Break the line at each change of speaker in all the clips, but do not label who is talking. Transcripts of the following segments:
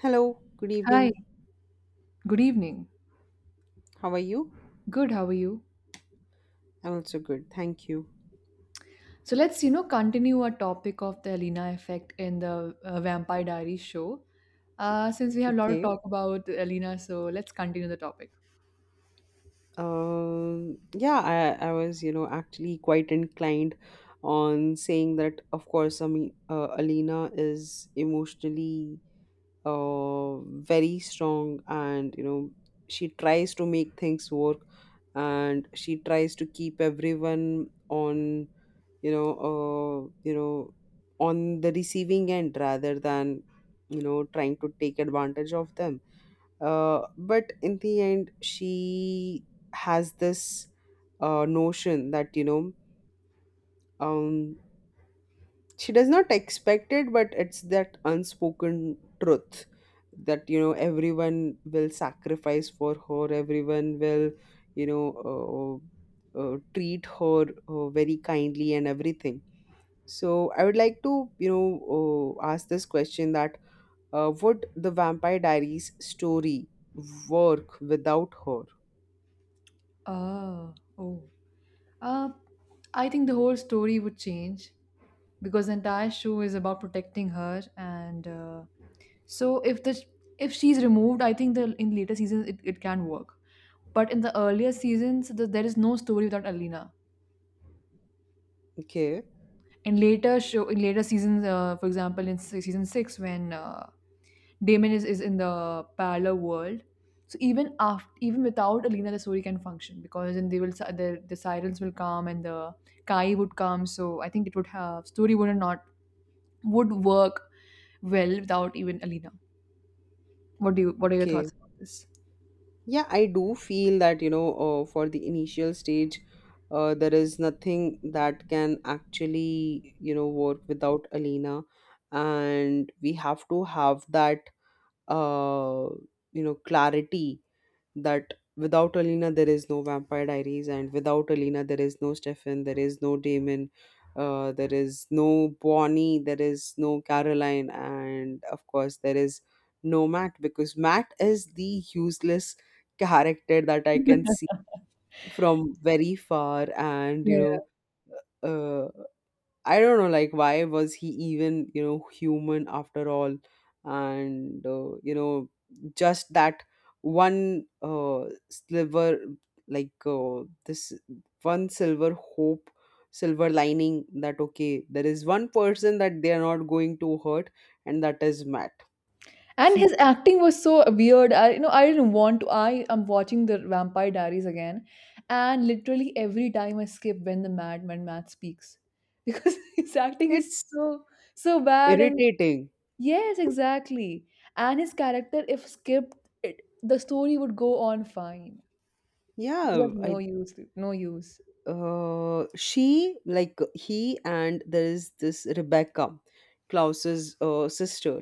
Hello, good
Hi,
evening.
good evening.
How are you?
Good, how are you?
I'm also good, thank you.
So let's continue our topic of the Alina effect in the Vampire Diaries show. Since we have a lot of
Okay.
talk about Alina, so let's continue the topic.
Yeah, I was, actually quite inclined on saying that, of course, I mean, Alina is emotionally uh, very strong and, she tries to make things work and she tries to keep everyone on, you know, uh, you know, on the receiving end rather than, trying to take advantage of them. But in the end, she has this notion that, um, she does not expect it, but it's that unspoken truth that, everyone will sacrifice for her, everyone will, you know, treat her very kindly and everything. So I would like to, ask this question that would the Vampire Diaries story work without her?
Ah, oh. Uh, I think the whole story would change because the entire show is about protecting her and so if the if she's removed, I think the in later seasons it can work. But in the earlier seasons, there is no story without Alina
Okay,
in later show in later seasons for example in season 6 when Damon is in the parallel world so even after even without Alina the story can function because then the sirens will come and the Kai would come. So I think it would have story would not would work well without even Alina. What do you what are your
okay.
thoughts about this?
Yeah, I do feel that, for the initial stage, there is nothing that can actually, work without Alina. And we have to have that, uh, clarity that without Alina there is no Vampire Diaries, and without Alina there is no Stefan, there is no Damon, there is no Bonnie, there is no Caroline, and of course there is no Matt because Matt is the useless character that I can see from very far, and you
Yeah.
know. uh, I don't know, like, why was he even, human after all? And, just that one sliver, like, this one silver hope, silver lining that, okay, there is one person that they are not going to hurt, and that is Matt.
And his acting was so weird. I you know i didn't want to I am watching the Vampire Diaries again, and literally every time I skip when the madman Matt speaks because his acting is
It's
so bad. And
irritating.
yes, exactly. And his character if skipped, the story would go on fine. He's
Yeah,
of no
I
use, no use.
she like he and there is this Rebecca, Klaus's sister.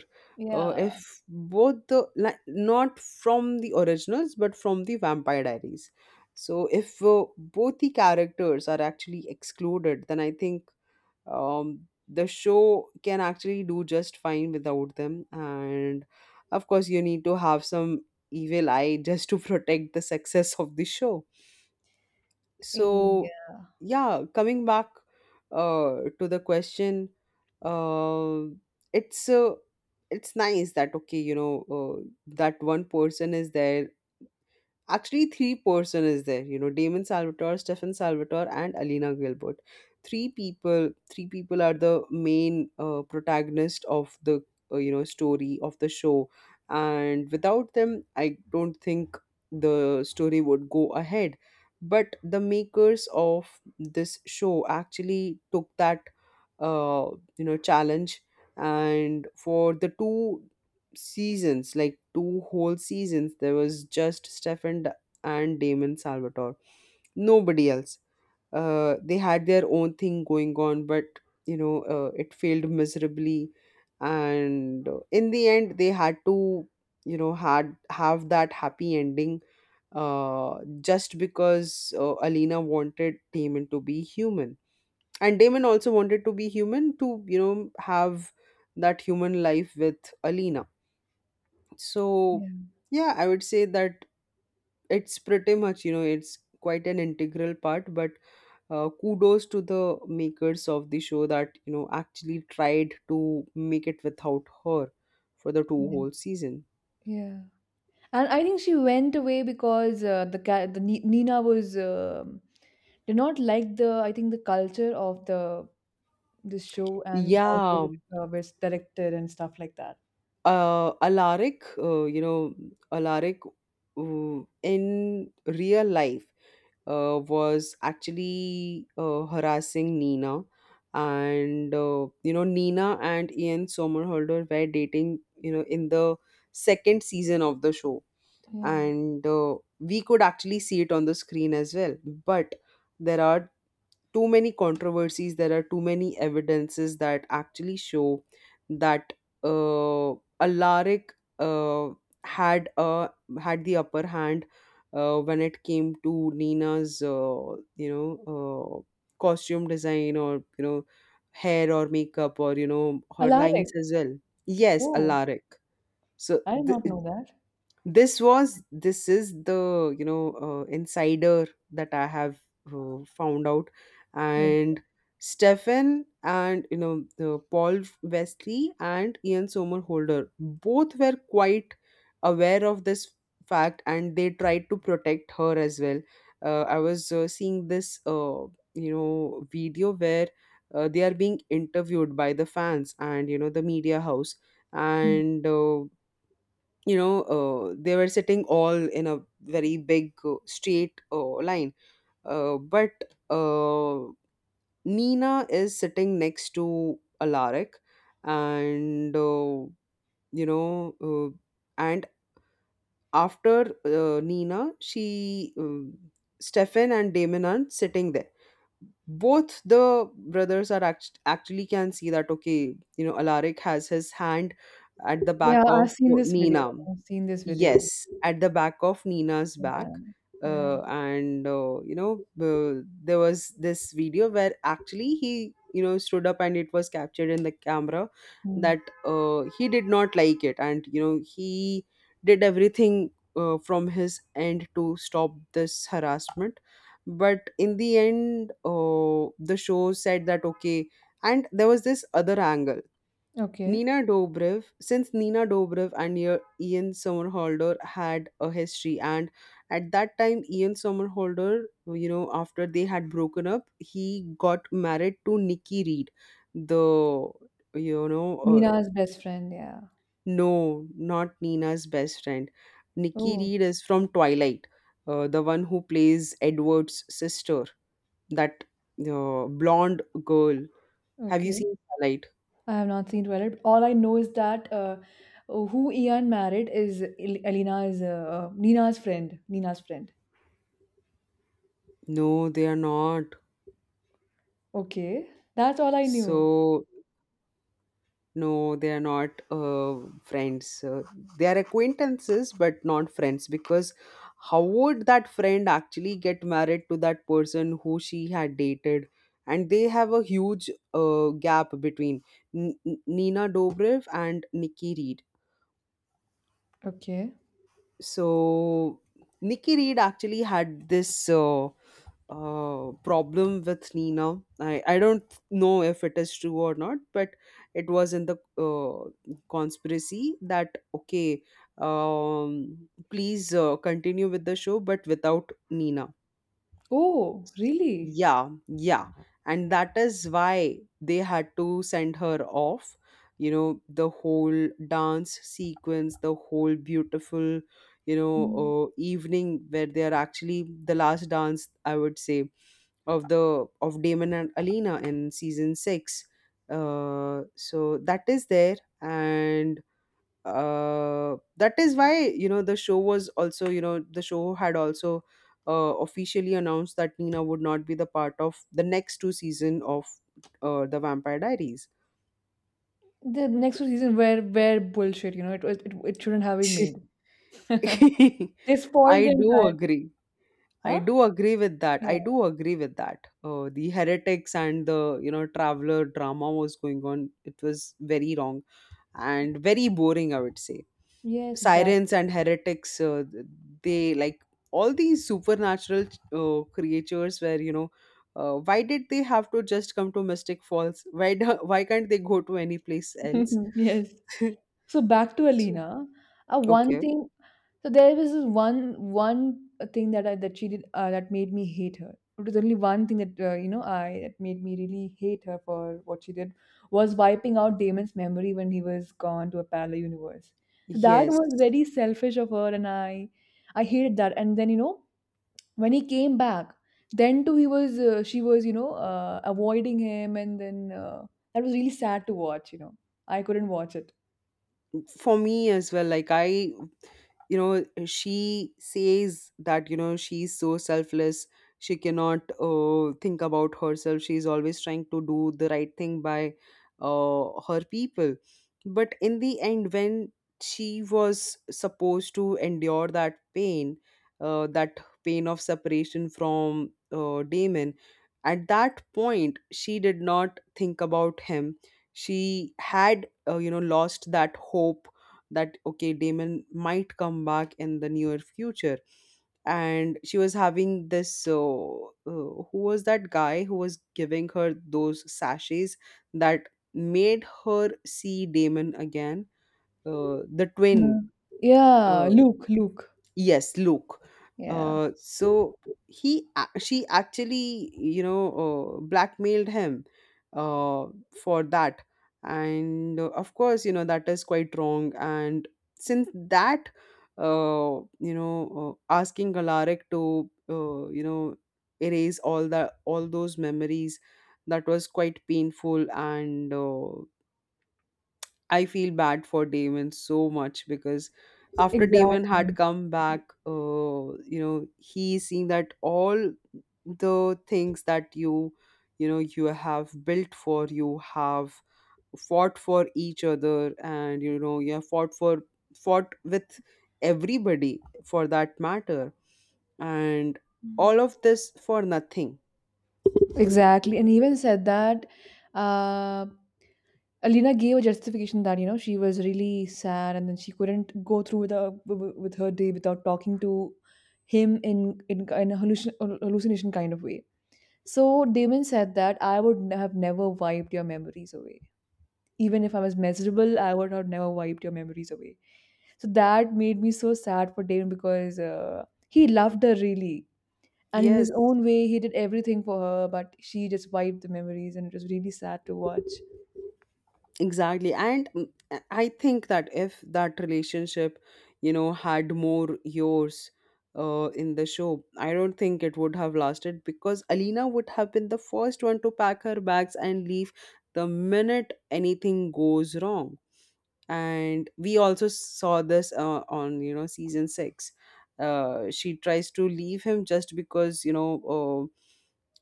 Yeah,
If both the like, not from the originals but from the Vampire Diaries. So if both the characters are actually excluded, then I think the show can actually do just fine without them. And of course, you need to have some evil eye just to protect the success of the show. So
yeah,
yeah, coming back to the question, uh, it's uh, it's nice that, okay, that one person is there. Actually, three person is there. Damon Salvatore, Stefan Salvatore, and Alina Gilbert. Three people. Three people are the main protagonist of the story of the show, and without them, I don't think the story would go ahead. But the makers of this show actually took that uh, challenge. And for the two seasons, like two whole seasons, there was just Stefan and Damon Salvatore. Nobody else. They had their own thing going on, but it failed miserably. And in the end, they had to, you know, had have that happy ending, just because Alina wanted Damon to be human. And Damon also wanted to be human to, have that human life with Alina. So,
yeah,
yeah, I would say that it's pretty much, it's quite an integral part, but kudos to the makers of the show that, actually tried to make it without her for the two
yeah,
whole season.
yeah. And I think she went away because the ca- the Ni- Nina was did not like the I think the culture of the this show and how it
Yeah,
was directed and stuff like that.
uh, Alaric, uh, you know, Alaric in real life was actually harassing Nina. And, Nina and Ian Somerhalder were dating, in the second season of the show
Yeah,
and we could actually see it on the screen as well. But there are too many controversies. There are too many evidences that actually show that uh, alaric uh, had a had the upper hand when it came to Nina's costume design, or hair, or makeup, or her lines
Alaric.
as well. Yes,
Oh,
Alaric. So
I did not know that.
this is the, insider that I have found out.
Yeah.
And Stefan and, the Paul Wesley, and Ian Somerhalder both were quite aware of this fact, and they tried to protect her as well. I was seeing this video where they are being interviewed by the fans and, the media house.
Mm.
And they were sitting all in a very big straight line. Uh, but uh, Nina is sitting next to Alaric and you know and after Nina, she Stefan and Damon are sitting there. Both the brothers are actually can see that, okay, Alaric has his hand at the back
Yeah, I've
of
seen this video.
Nina.
I've seen this video.
Yes, at the back of Nina's back.
Yeah, yeah.
And there was this video where actually he, stood up, and it was captured in the camera
Mm.
that he did not like it, and, he did everything from his end to stop this harassment. But in the end, the show said that, okay, and there was this other angle.
Okay,
Nina Dobrev, since Nina Dobrev and Ian Somerhalder had a history, and at that time, Ian Somerhalder, after they had broken up, he got married to Nikki Reed, the, you know, uh,
Mina's best friend. Yeah.
no, not Nina's best friend. Nikki
Oh,
Reed is from Twilight, the one who plays Edward's sister, that blonde girl. Have you
okay.
seen Twilight?
I have not seen Twilight. All I know is that who Ian married is Elena is Nina's friend. Nina's friend.
No, they are not.
Okay, that's all I knew.
So no, they are not friends. They are acquaintances, but not friends. Because how would that friend actually get married to that person who she had dated? And they have a huge gap between Nina Dobrev and Nikki Reed.
Okay.
So Nikki Reed actually had this. Problem with Nina. I don't know if it is true or not, but it was in the conspiracy that, okay, please continue with the show, but without Nina.
Oh, really?
Yeah, yeah. And that is why they had to send her off. The whole dance sequence, the whole beautiful, evening where they are actually the last dance, I would say, of Damon and Alina in season six. So that is there, and that is why, the show was also you know the show had also uh, officially announced that Nina would not be the part of the next two season of the Vampire Diaries.
The next season were bullshit. You know, it shouldn't have been made. They spoiled
I
the
do
entire.
agree. I
Huh?
do agree with that.
Yeah.
I do agree with that. The heretics and the, traveler drama was going on. It was very wrong and very boring, I would say.
Yes,
Sirens
exactly.
and heretics, they like all these supernatural creatures where, why did they have to just come to Mystic Falls? Why do, why can't they go to any place else?
Yes. So back to
So,
Alina. One
okay.
thing. So there was this one thing that I that she did that made me hate her. It was only one thing that you know I that made me really hate her for what she did, was wiping out Damon's memory when he was gone to a parallel universe. So that
Yes.
was very selfish of her, and I hated that. And then, you know, when he came back, then too he was she was, you know, avoiding him, and then that was really sad to watch. You know, I couldn't watch it.
For me as well, like, I you know she says that, she's so selfless. She cannot think about herself. She's always trying to do the right thing by her people. But in the end, when she was supposed to endure that pain of separation from Damon, at that point she did not think about him. She had lost that hope that, okay, Damon might come back in the near future. And she was having this who was that guy who was giving her those sachets that made her see Damon again, the
No.
twin.
Yeah,
uh,
Luke, Luke.
Yes, Luke.
Yeah.
So she actually, blackmailed him uh, for that, and of course, that is quite wrong. And since that, asking Alaric to, erase all those memories, that was quite painful and. I feel bad for Damon so much because after Damon had
Exactly.
come back, he's seeing that all the things that you have built for, you have fought for each other, and, you have fought with everybody for that matter, and all of this for nothing.
Exactly. And even said that uh, Alina gave a justification that, you know, she was really sad and then she couldn't go through with her day without talking to him in a hallucination kind of way. So Damon said that I would have never wiped your memories away. Even if I was miserable, I would have never wiped your memories away. So that made me so sad for Damon because he loved her really. And in
Yes,
his own way, he did everything for her, but she just wiped the memories, and it was really sad to watch.
exactly. And I think that if that relationship, had more yours in the show, I don't think it would have lasted because Alina would have been the first one to pack her bags and leave the minute anything goes wrong. And we also saw this on, season six. She tries to leave him just because, uh,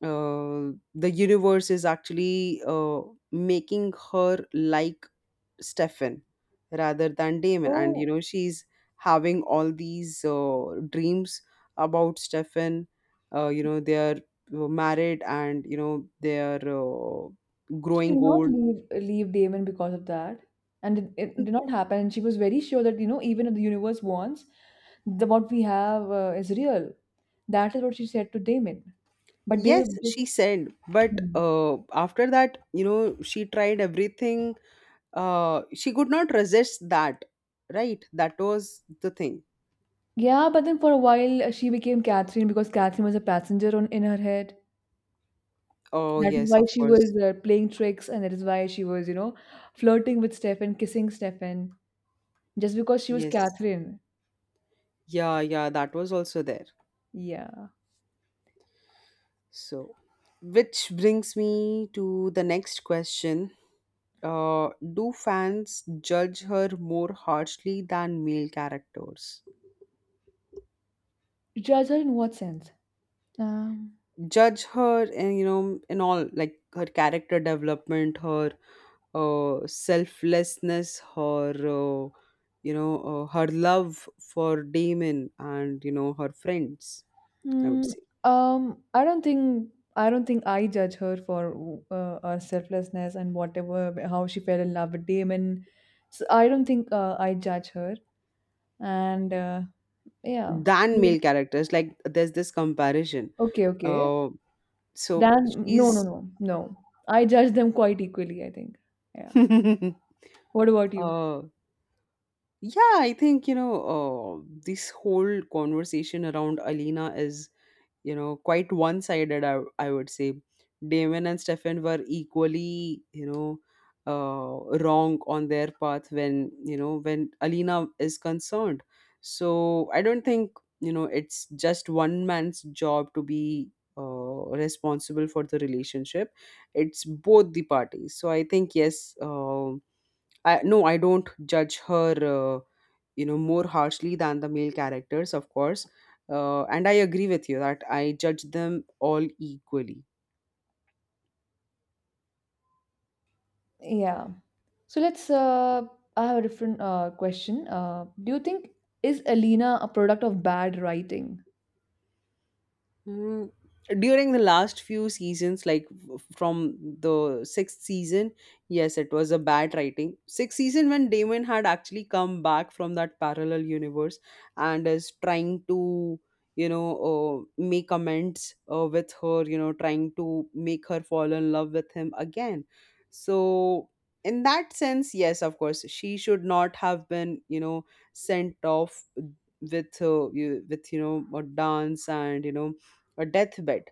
the universe is actually making her like Stefan rather than Damon. And,
Oh,
she's having all these dreams about Stefan. They are married, and, they are
she did
growing
not
old.
leave Damon because of that, and it did not happen. And she was very sure that, you know, even if the universe wants, the what we have is real. That is what she said to Damon. But
Yes,
they-
she said, but
Hmm.
after that, she tried everything. She could not resist that, right? That was the thing.
Yeah. But then for a while, she became Catherine because Catherine was a passenger on in her head.
Oh,
That is
yes,
why
of
she was
course.
playing tricks, and that is why she was, you know, flirting with Stefan, kissing Stefan, just because she was
Yes.
Catherine.
Yeah, yeah, that was also there.
Yeah.
So, which brings me to the next question. Do fans judge her more harshly than male characters?
Judge her in what sense? Um,
Judge her, in all like her character development, her selflessness, her love for Damon and, you know, her friends, I would
mm,
say,
I don't think I judge her for her selflessness and whatever how she fell in love with Damon. So I don't think I judge her. And yeah,
than male characters. Like, there's this comparison.
okay, okay.
Uh, so
Then no, no,
she's.
no, no. I judge them quite equally, I think. Yeah. What about you?
uh Yeah, I think, you know, this whole conversation around Alina is, you know, quite one sided, I would say. Damon and Stefan were equally, you know, wrong on their path when, you know, when Alina is concerned. So I don't think, you know, it's just one man's job to be uh, responsible for the relationship. It's both the parties. So I think, yes, I, no, I don't judge her uh, you know more harshly than the male characters, of course, and I agree with you that I judge them all equally.
Yeah. So let's. I have a different question. Do you think is Alina a product of bad writing?
Mm, during the last few seasons, like from the sixth season, yes, it was a bad writing. Sixth season, when Damon had actually come back from that parallel universe and is trying to, you know, make amends with her, you know, trying to make her fall in love with him again. So, in that sense, yes, of course, she should not have been, you know, sent off with you know a dance and you know a deathbed.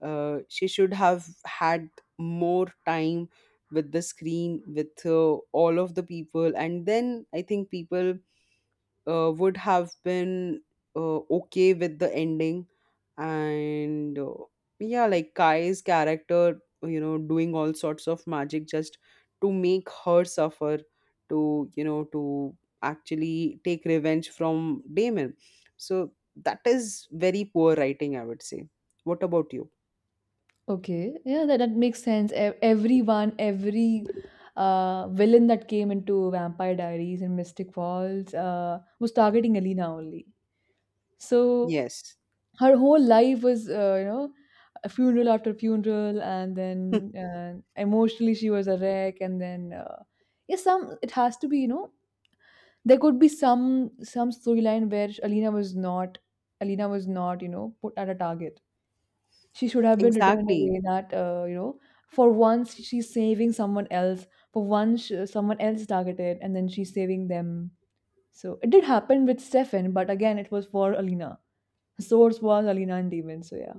She should have had more time with the screen, with all of the people, and then I think people would have been okay with the ending, and yeah, like Kai's character, you know, doing all sorts of magic just to make her suffer, to you know to actually take revenge from Damon. So that is very poor writing, I would say. What about you?
Okay. Yeah, that, that makes sense. Everyone, every villain that came into Vampire Diaries and Mystic Falls was targeting Alina only. So
Yes.
her whole life was, you know, a funeral after funeral, and then emotionally she was a wreck, and then yeah, some it has to be, you know, there could be some storyline where Alina was not, you know, put at a target. She should have been written in a
Exactly.
way that you know, for once she's saving someone else. For once someone else is targeted and then she's saving them. So it did happen with Stefan, but again it was for Alina. Source was Alina and Demon. So yeah.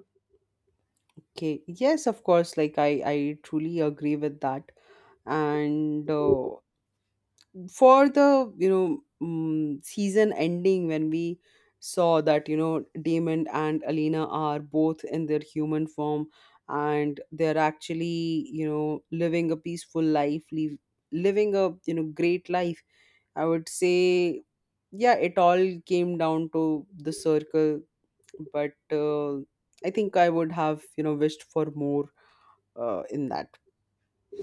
Okay, yes, of course, like I truly agree with that, and for the you know mm season ending when we saw that you know Damon and Alina are both in their human form and they're actually you know living a peaceful living a you know great life, I would say. Yeah, it all came down to the circle, but I think I would have you know wished for more in that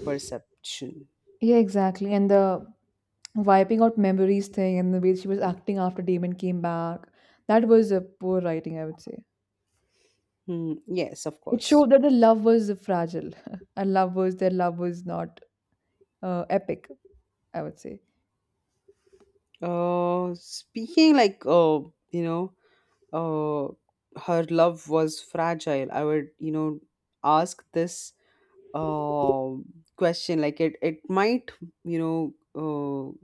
perception.
Yeah, exactly. And the wiping out memories thing and the way she was acting after Damon came back. That was a poor writing, I would say.
Hmm, yes, of
It
course.
showed that the love was fragile, and love was their love was not epic. I would say.
Speaking like you know, uh, her love was fragile. I would you know ask this uh question, like it might you know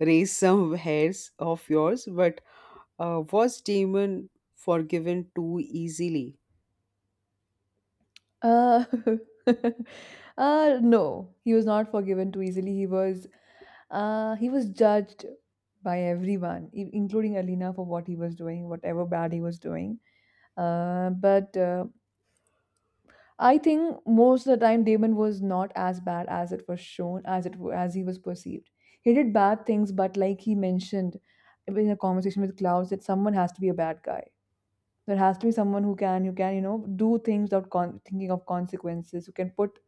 raise some hairs of yours, but was Damon forgiven too easily?
Uh, no, he was not forgiven too easily. He was judged by everyone, including Alina, for what he was doing, whatever bad he was doing. But I think most of the time Damon was not as bad as it was shown, as he was perceived. He did bad things, but like he mentioned in a conversation with Klaus, that someone has to be a bad guy. There has to be someone who can, you know, do things without thinking of consequences. Who can put,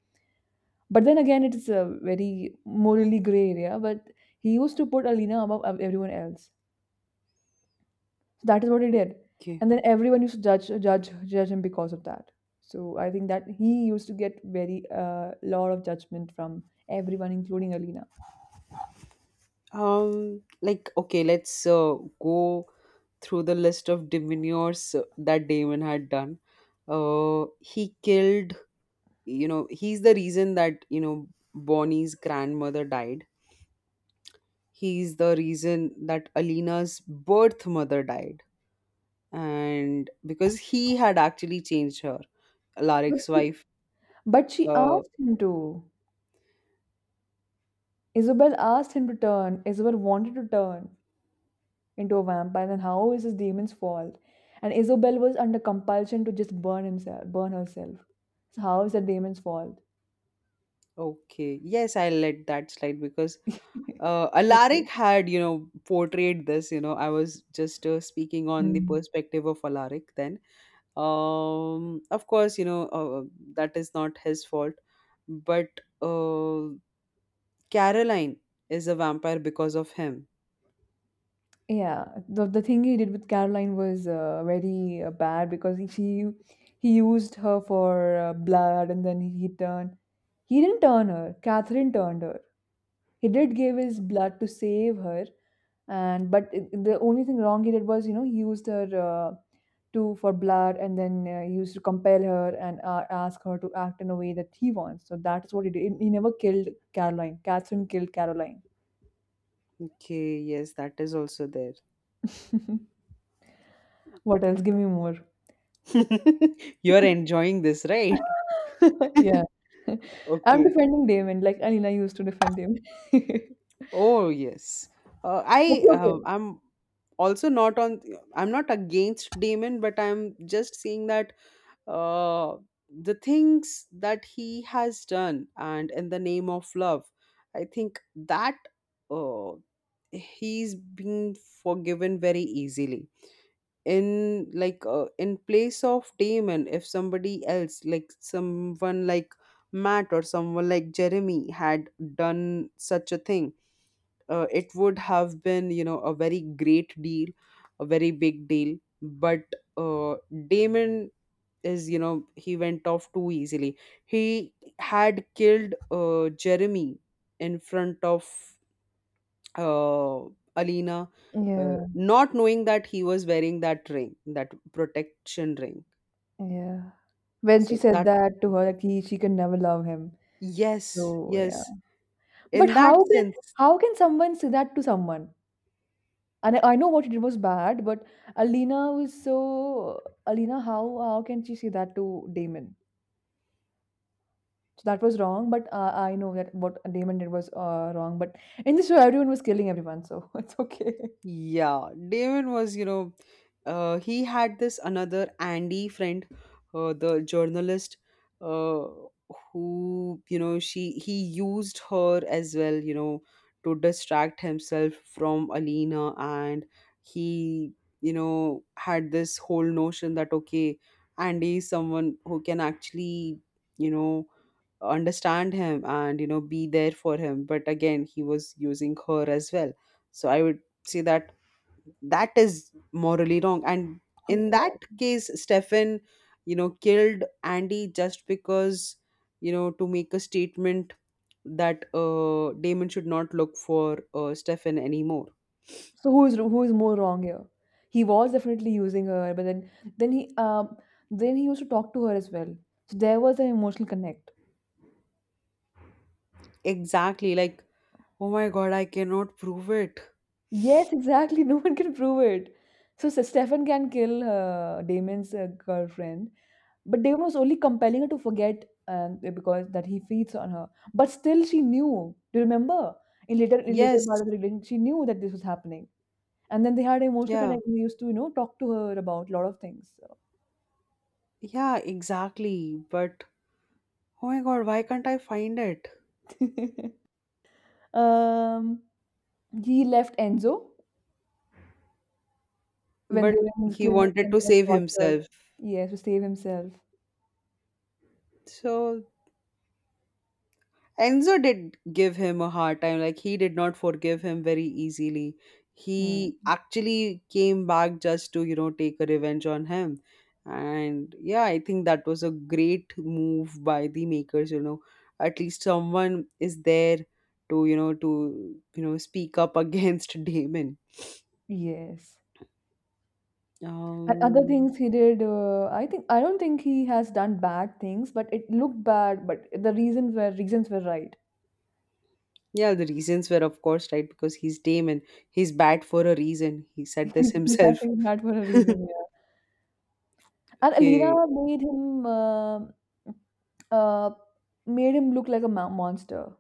but then again, it is a very morally gray area. But he used to put Alina above everyone else. That is what he did,
Okay.
and then everyone used to judge him because of that. So I think that he used to get very lot of judgment from everyone including Alina.
Okay, let's go through the list of demeanors that Damon had done. He killed you know he's the reason that you know Bonnie's grandmother died, he's the reason that Alina's birth mother died, and because he had actually changed her,
But
Alaric's
she
wife.
but she
uh,
asked him to. Isabel asked him to turn. Into a vampire, then how is his demon's fault? And Isabel was under compulsion to just burn herself, so how is that demon's fault?
okay, yes, I'll let that slide because Alaric
Okay.
had you know portrayed this, you know, I was just speaking on the
Hmm.
perspective of Alaric then. Um, of course, you know, that is not his fault, but uh, Caroline is a vampire because of him.
Yeah, the thing he did with Caroline was very bad because he used her for blood and then he didn't turn her. Catherine turned her. He did give his blood to save her, and the only thing wrong he did was, you know, he used her to for blood and then he used to compel her and ask her to act in a way that he wants. So that's what he did. He never killed Caroline. Catherine killed Caroline.
Okay, yes, that is also there.
What else? Give me more.
You're enjoying this, right?
Yeah. I'm
Okay.
defending Damon, like Alina used to defend him.
Oh, yes.
Okay, okay.
I'm also not on, I'm not against Damon, but I'm just seeing that uh the things that he has done and in the name of love, I think that uh he's been forgiven very easily. In like in place of Damon, if somebody else like someone like Matt or someone like Jeremy had done such a thing, it would have been you know a very great deal, a very big deal, but uh, Damon is you know he went off too easily. He had killed Jeremy in front of uh, Alina, uh,
Yeah,
not knowing that he was wearing that ring, that protection ring.
yeah. When she
So
said
that,
that to her, like she can never love him.
yes,
So yeah.
yes,
But
in that sense.
how can someone say that to someone? And I know what she did was bad, but Alina was so Alina, how can she say that to Damon? So that was wrong, but I know that what Damon did was wrong. But in this show, everyone was killing everyone, so it's okay.
Yeah, Damon was, you know, he had this another Andy friend, the journalist, uh, who, you know, she he used her as well, you know, to distract himself from Alina, and he, you know, had this whole notion that okay, Andy is someone who can actually, you know, understand him and you know be there for him, but again, he was using her as well. So I would say that that is morally wrong, and in that case Stefan you know killed Andy just because you know to make a statement that Damon should not look for Stefan anymore.
So who is more wrong here? He was definitely using her, but then then he um then he used to talk to her as well. So there was an emotional connect.
Exactly, like oh my god, I cannot prove it.
Yes, exactly. No one can prove it. So Stefan can kill Damon's girlfriend, but Damon was only compelling her to forget because that he feeds on her. But still, she knew. Do you remember? In later part
Yes.
of the relationship, she knew that this was happening, and then they had an emotional
Yeah,
connection. They used to, you know, talk to her about a lot of things. So.
yeah, exactly, but oh my god, why can't I find it?
Um, he left Enzo when
But
they were in his
he
clinic
wanted
and
to
they were
save
tortured.
himself,
Yes, to save himself.
so Enzo did give him a hard time. Like he did not forgive him very easily.
Hmm.
He actually came back just to, you know, take a revenge on him. And yeah, I think that was a great move by the makers, you know. At least someone is there to, you know, speak up against Damon.
Yes. And other
Um,
things he did, I think I don't think he has done bad things, but it looked bad. But the reasons were right.
yeah, the reasons were of course right because he's Damon. He's bad for a reason. He said
Yeah,
this himself.
he was mad for a reason. Yeah. And Alina
Okay.
uh, made him look like a monster.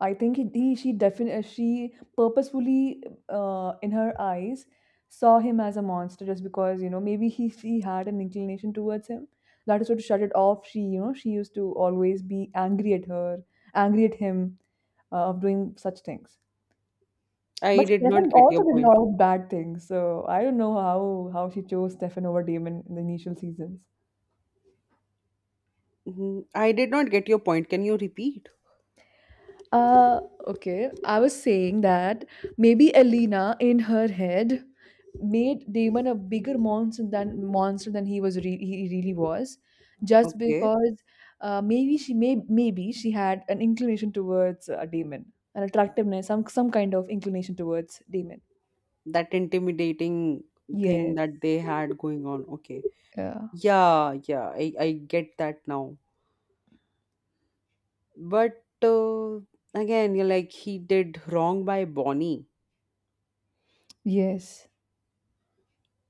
I think he she definitely, she purposefully in her eyes saw him as a monster just because, you know, maybe he she had an inclination towards him. That is why to shut it off, she, you know, she used to always be angry at him of doing such things.
I
But
did not
Stefan
get
also
your
did a
point.
lot of bad things. So I don't know how she chose Stefan over Damon in the initial seasons.
Mhm. I did not get your point. Can you repeat?
Uh, okay. I was saying that maybe Elena in her head made Damon a bigger monster than he was he really was, just
Okay.
because maybe she had an inclination towards Damon, an attractiveness, some kind of inclination towards Damon.
That intimidating thing
Yes.
that they had going on. Okay.
Yeah.
Yeah, yeah. I get that now. But again, you're like, he did wrong by Bonnie.
Yes.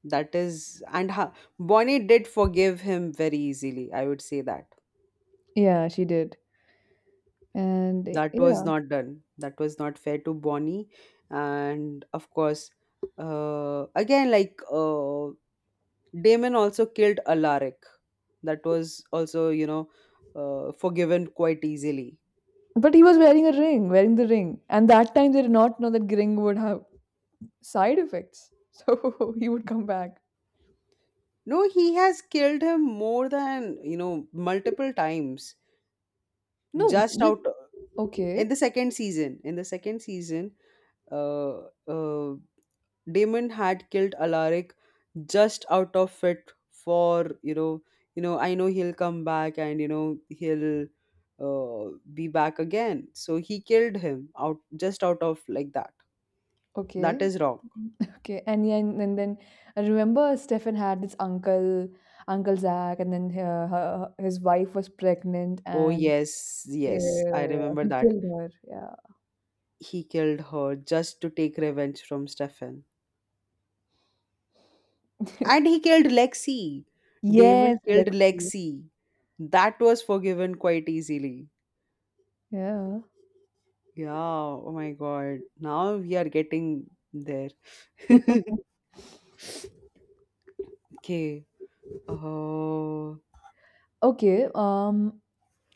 That is, and ha, Bonnie did forgive him very easily. I would say that.
Yeah, she did. And
That was
yeah,
not done, that was not fair to Bonnie, and of course again like Damon also killed Alaric. That was also you know forgiven quite easily.
but he was wearing a ring, and that time they did not know that ring would have side effects. So he would come back.
No, he has killed him more than you know multiple times.
No,
Just
this
out,
okay,
in the second season, in the second season, uh, uh, Damon had killed Alaric just out of it for you know, you know I know he'll come back and you know he'll be back again, so he killed him out just out of like that. That
okay,
is wrong.
okay. And then, and then I remember Stefan had this uncle, Uncle Zach, and then his wife was pregnant,
Oh
and
yes, yes, I
yeah,
remember
he
that.
killed her. Yeah.
He killed her just to take revenge from Stefan. And he killed Lexi. Damon
Yes,
killed
Lexi.
Lexi. That was forgiven quite easily.
Yeah.
Yeah, oh my god, now we are getting there. Okay. Oh,
Okay,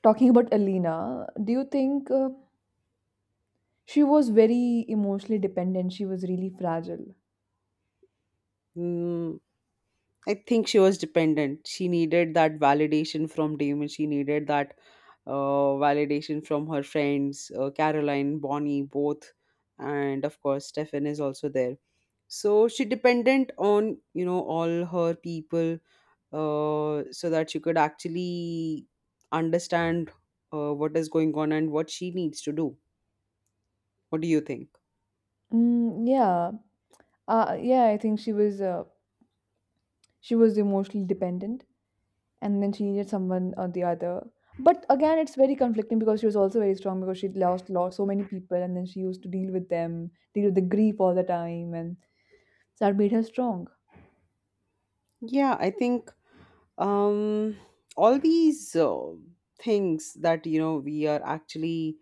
talking about Alina, do you think she was very emotionally dependent? She was really fragile.
mm, I think she was dependent. She needed that validation from Damon. She needed that validation from her friends, Caroline, Bonnie, both, and of course, Stefan is also there. So she dependent on you know all her people, so that she could actually understand what is going on and what she needs to do. What do you think?
Mm, yeah, yeah, I think she was emotionally dependent, and then she needed someone or the other. But again, it's very conflicting because she was also very strong because she lost so many people, and then she used to deal with them, deal with the grief all the time, and so that made her strong.
Yeah, I think um all these things that you know we are actually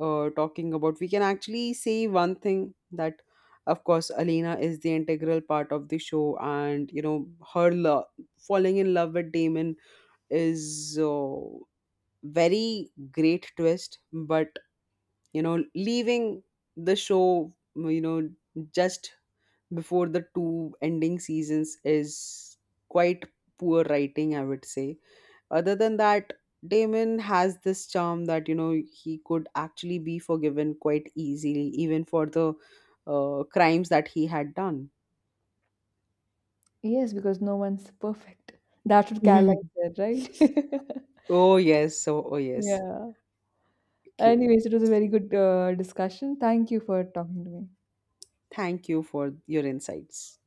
talking about, we can actually say one thing, that of course Alina is the integral part of the show, and you know her love falling in love with Damon is very great twist, but you know leaving the show you know just before the two ending seasons is quite poor writing, I would say. Other than that, Damon has this charm that you know he could actually be forgiven quite easily, even for the crimes that he had done.
Yes, because no one's perfect. That's what Caroline said, right?
Oh yes, so oh yes.
Yeah.
Okay.
Anyways, it was a very good discussion. Thank you for talking to me.
Thank you for your insights.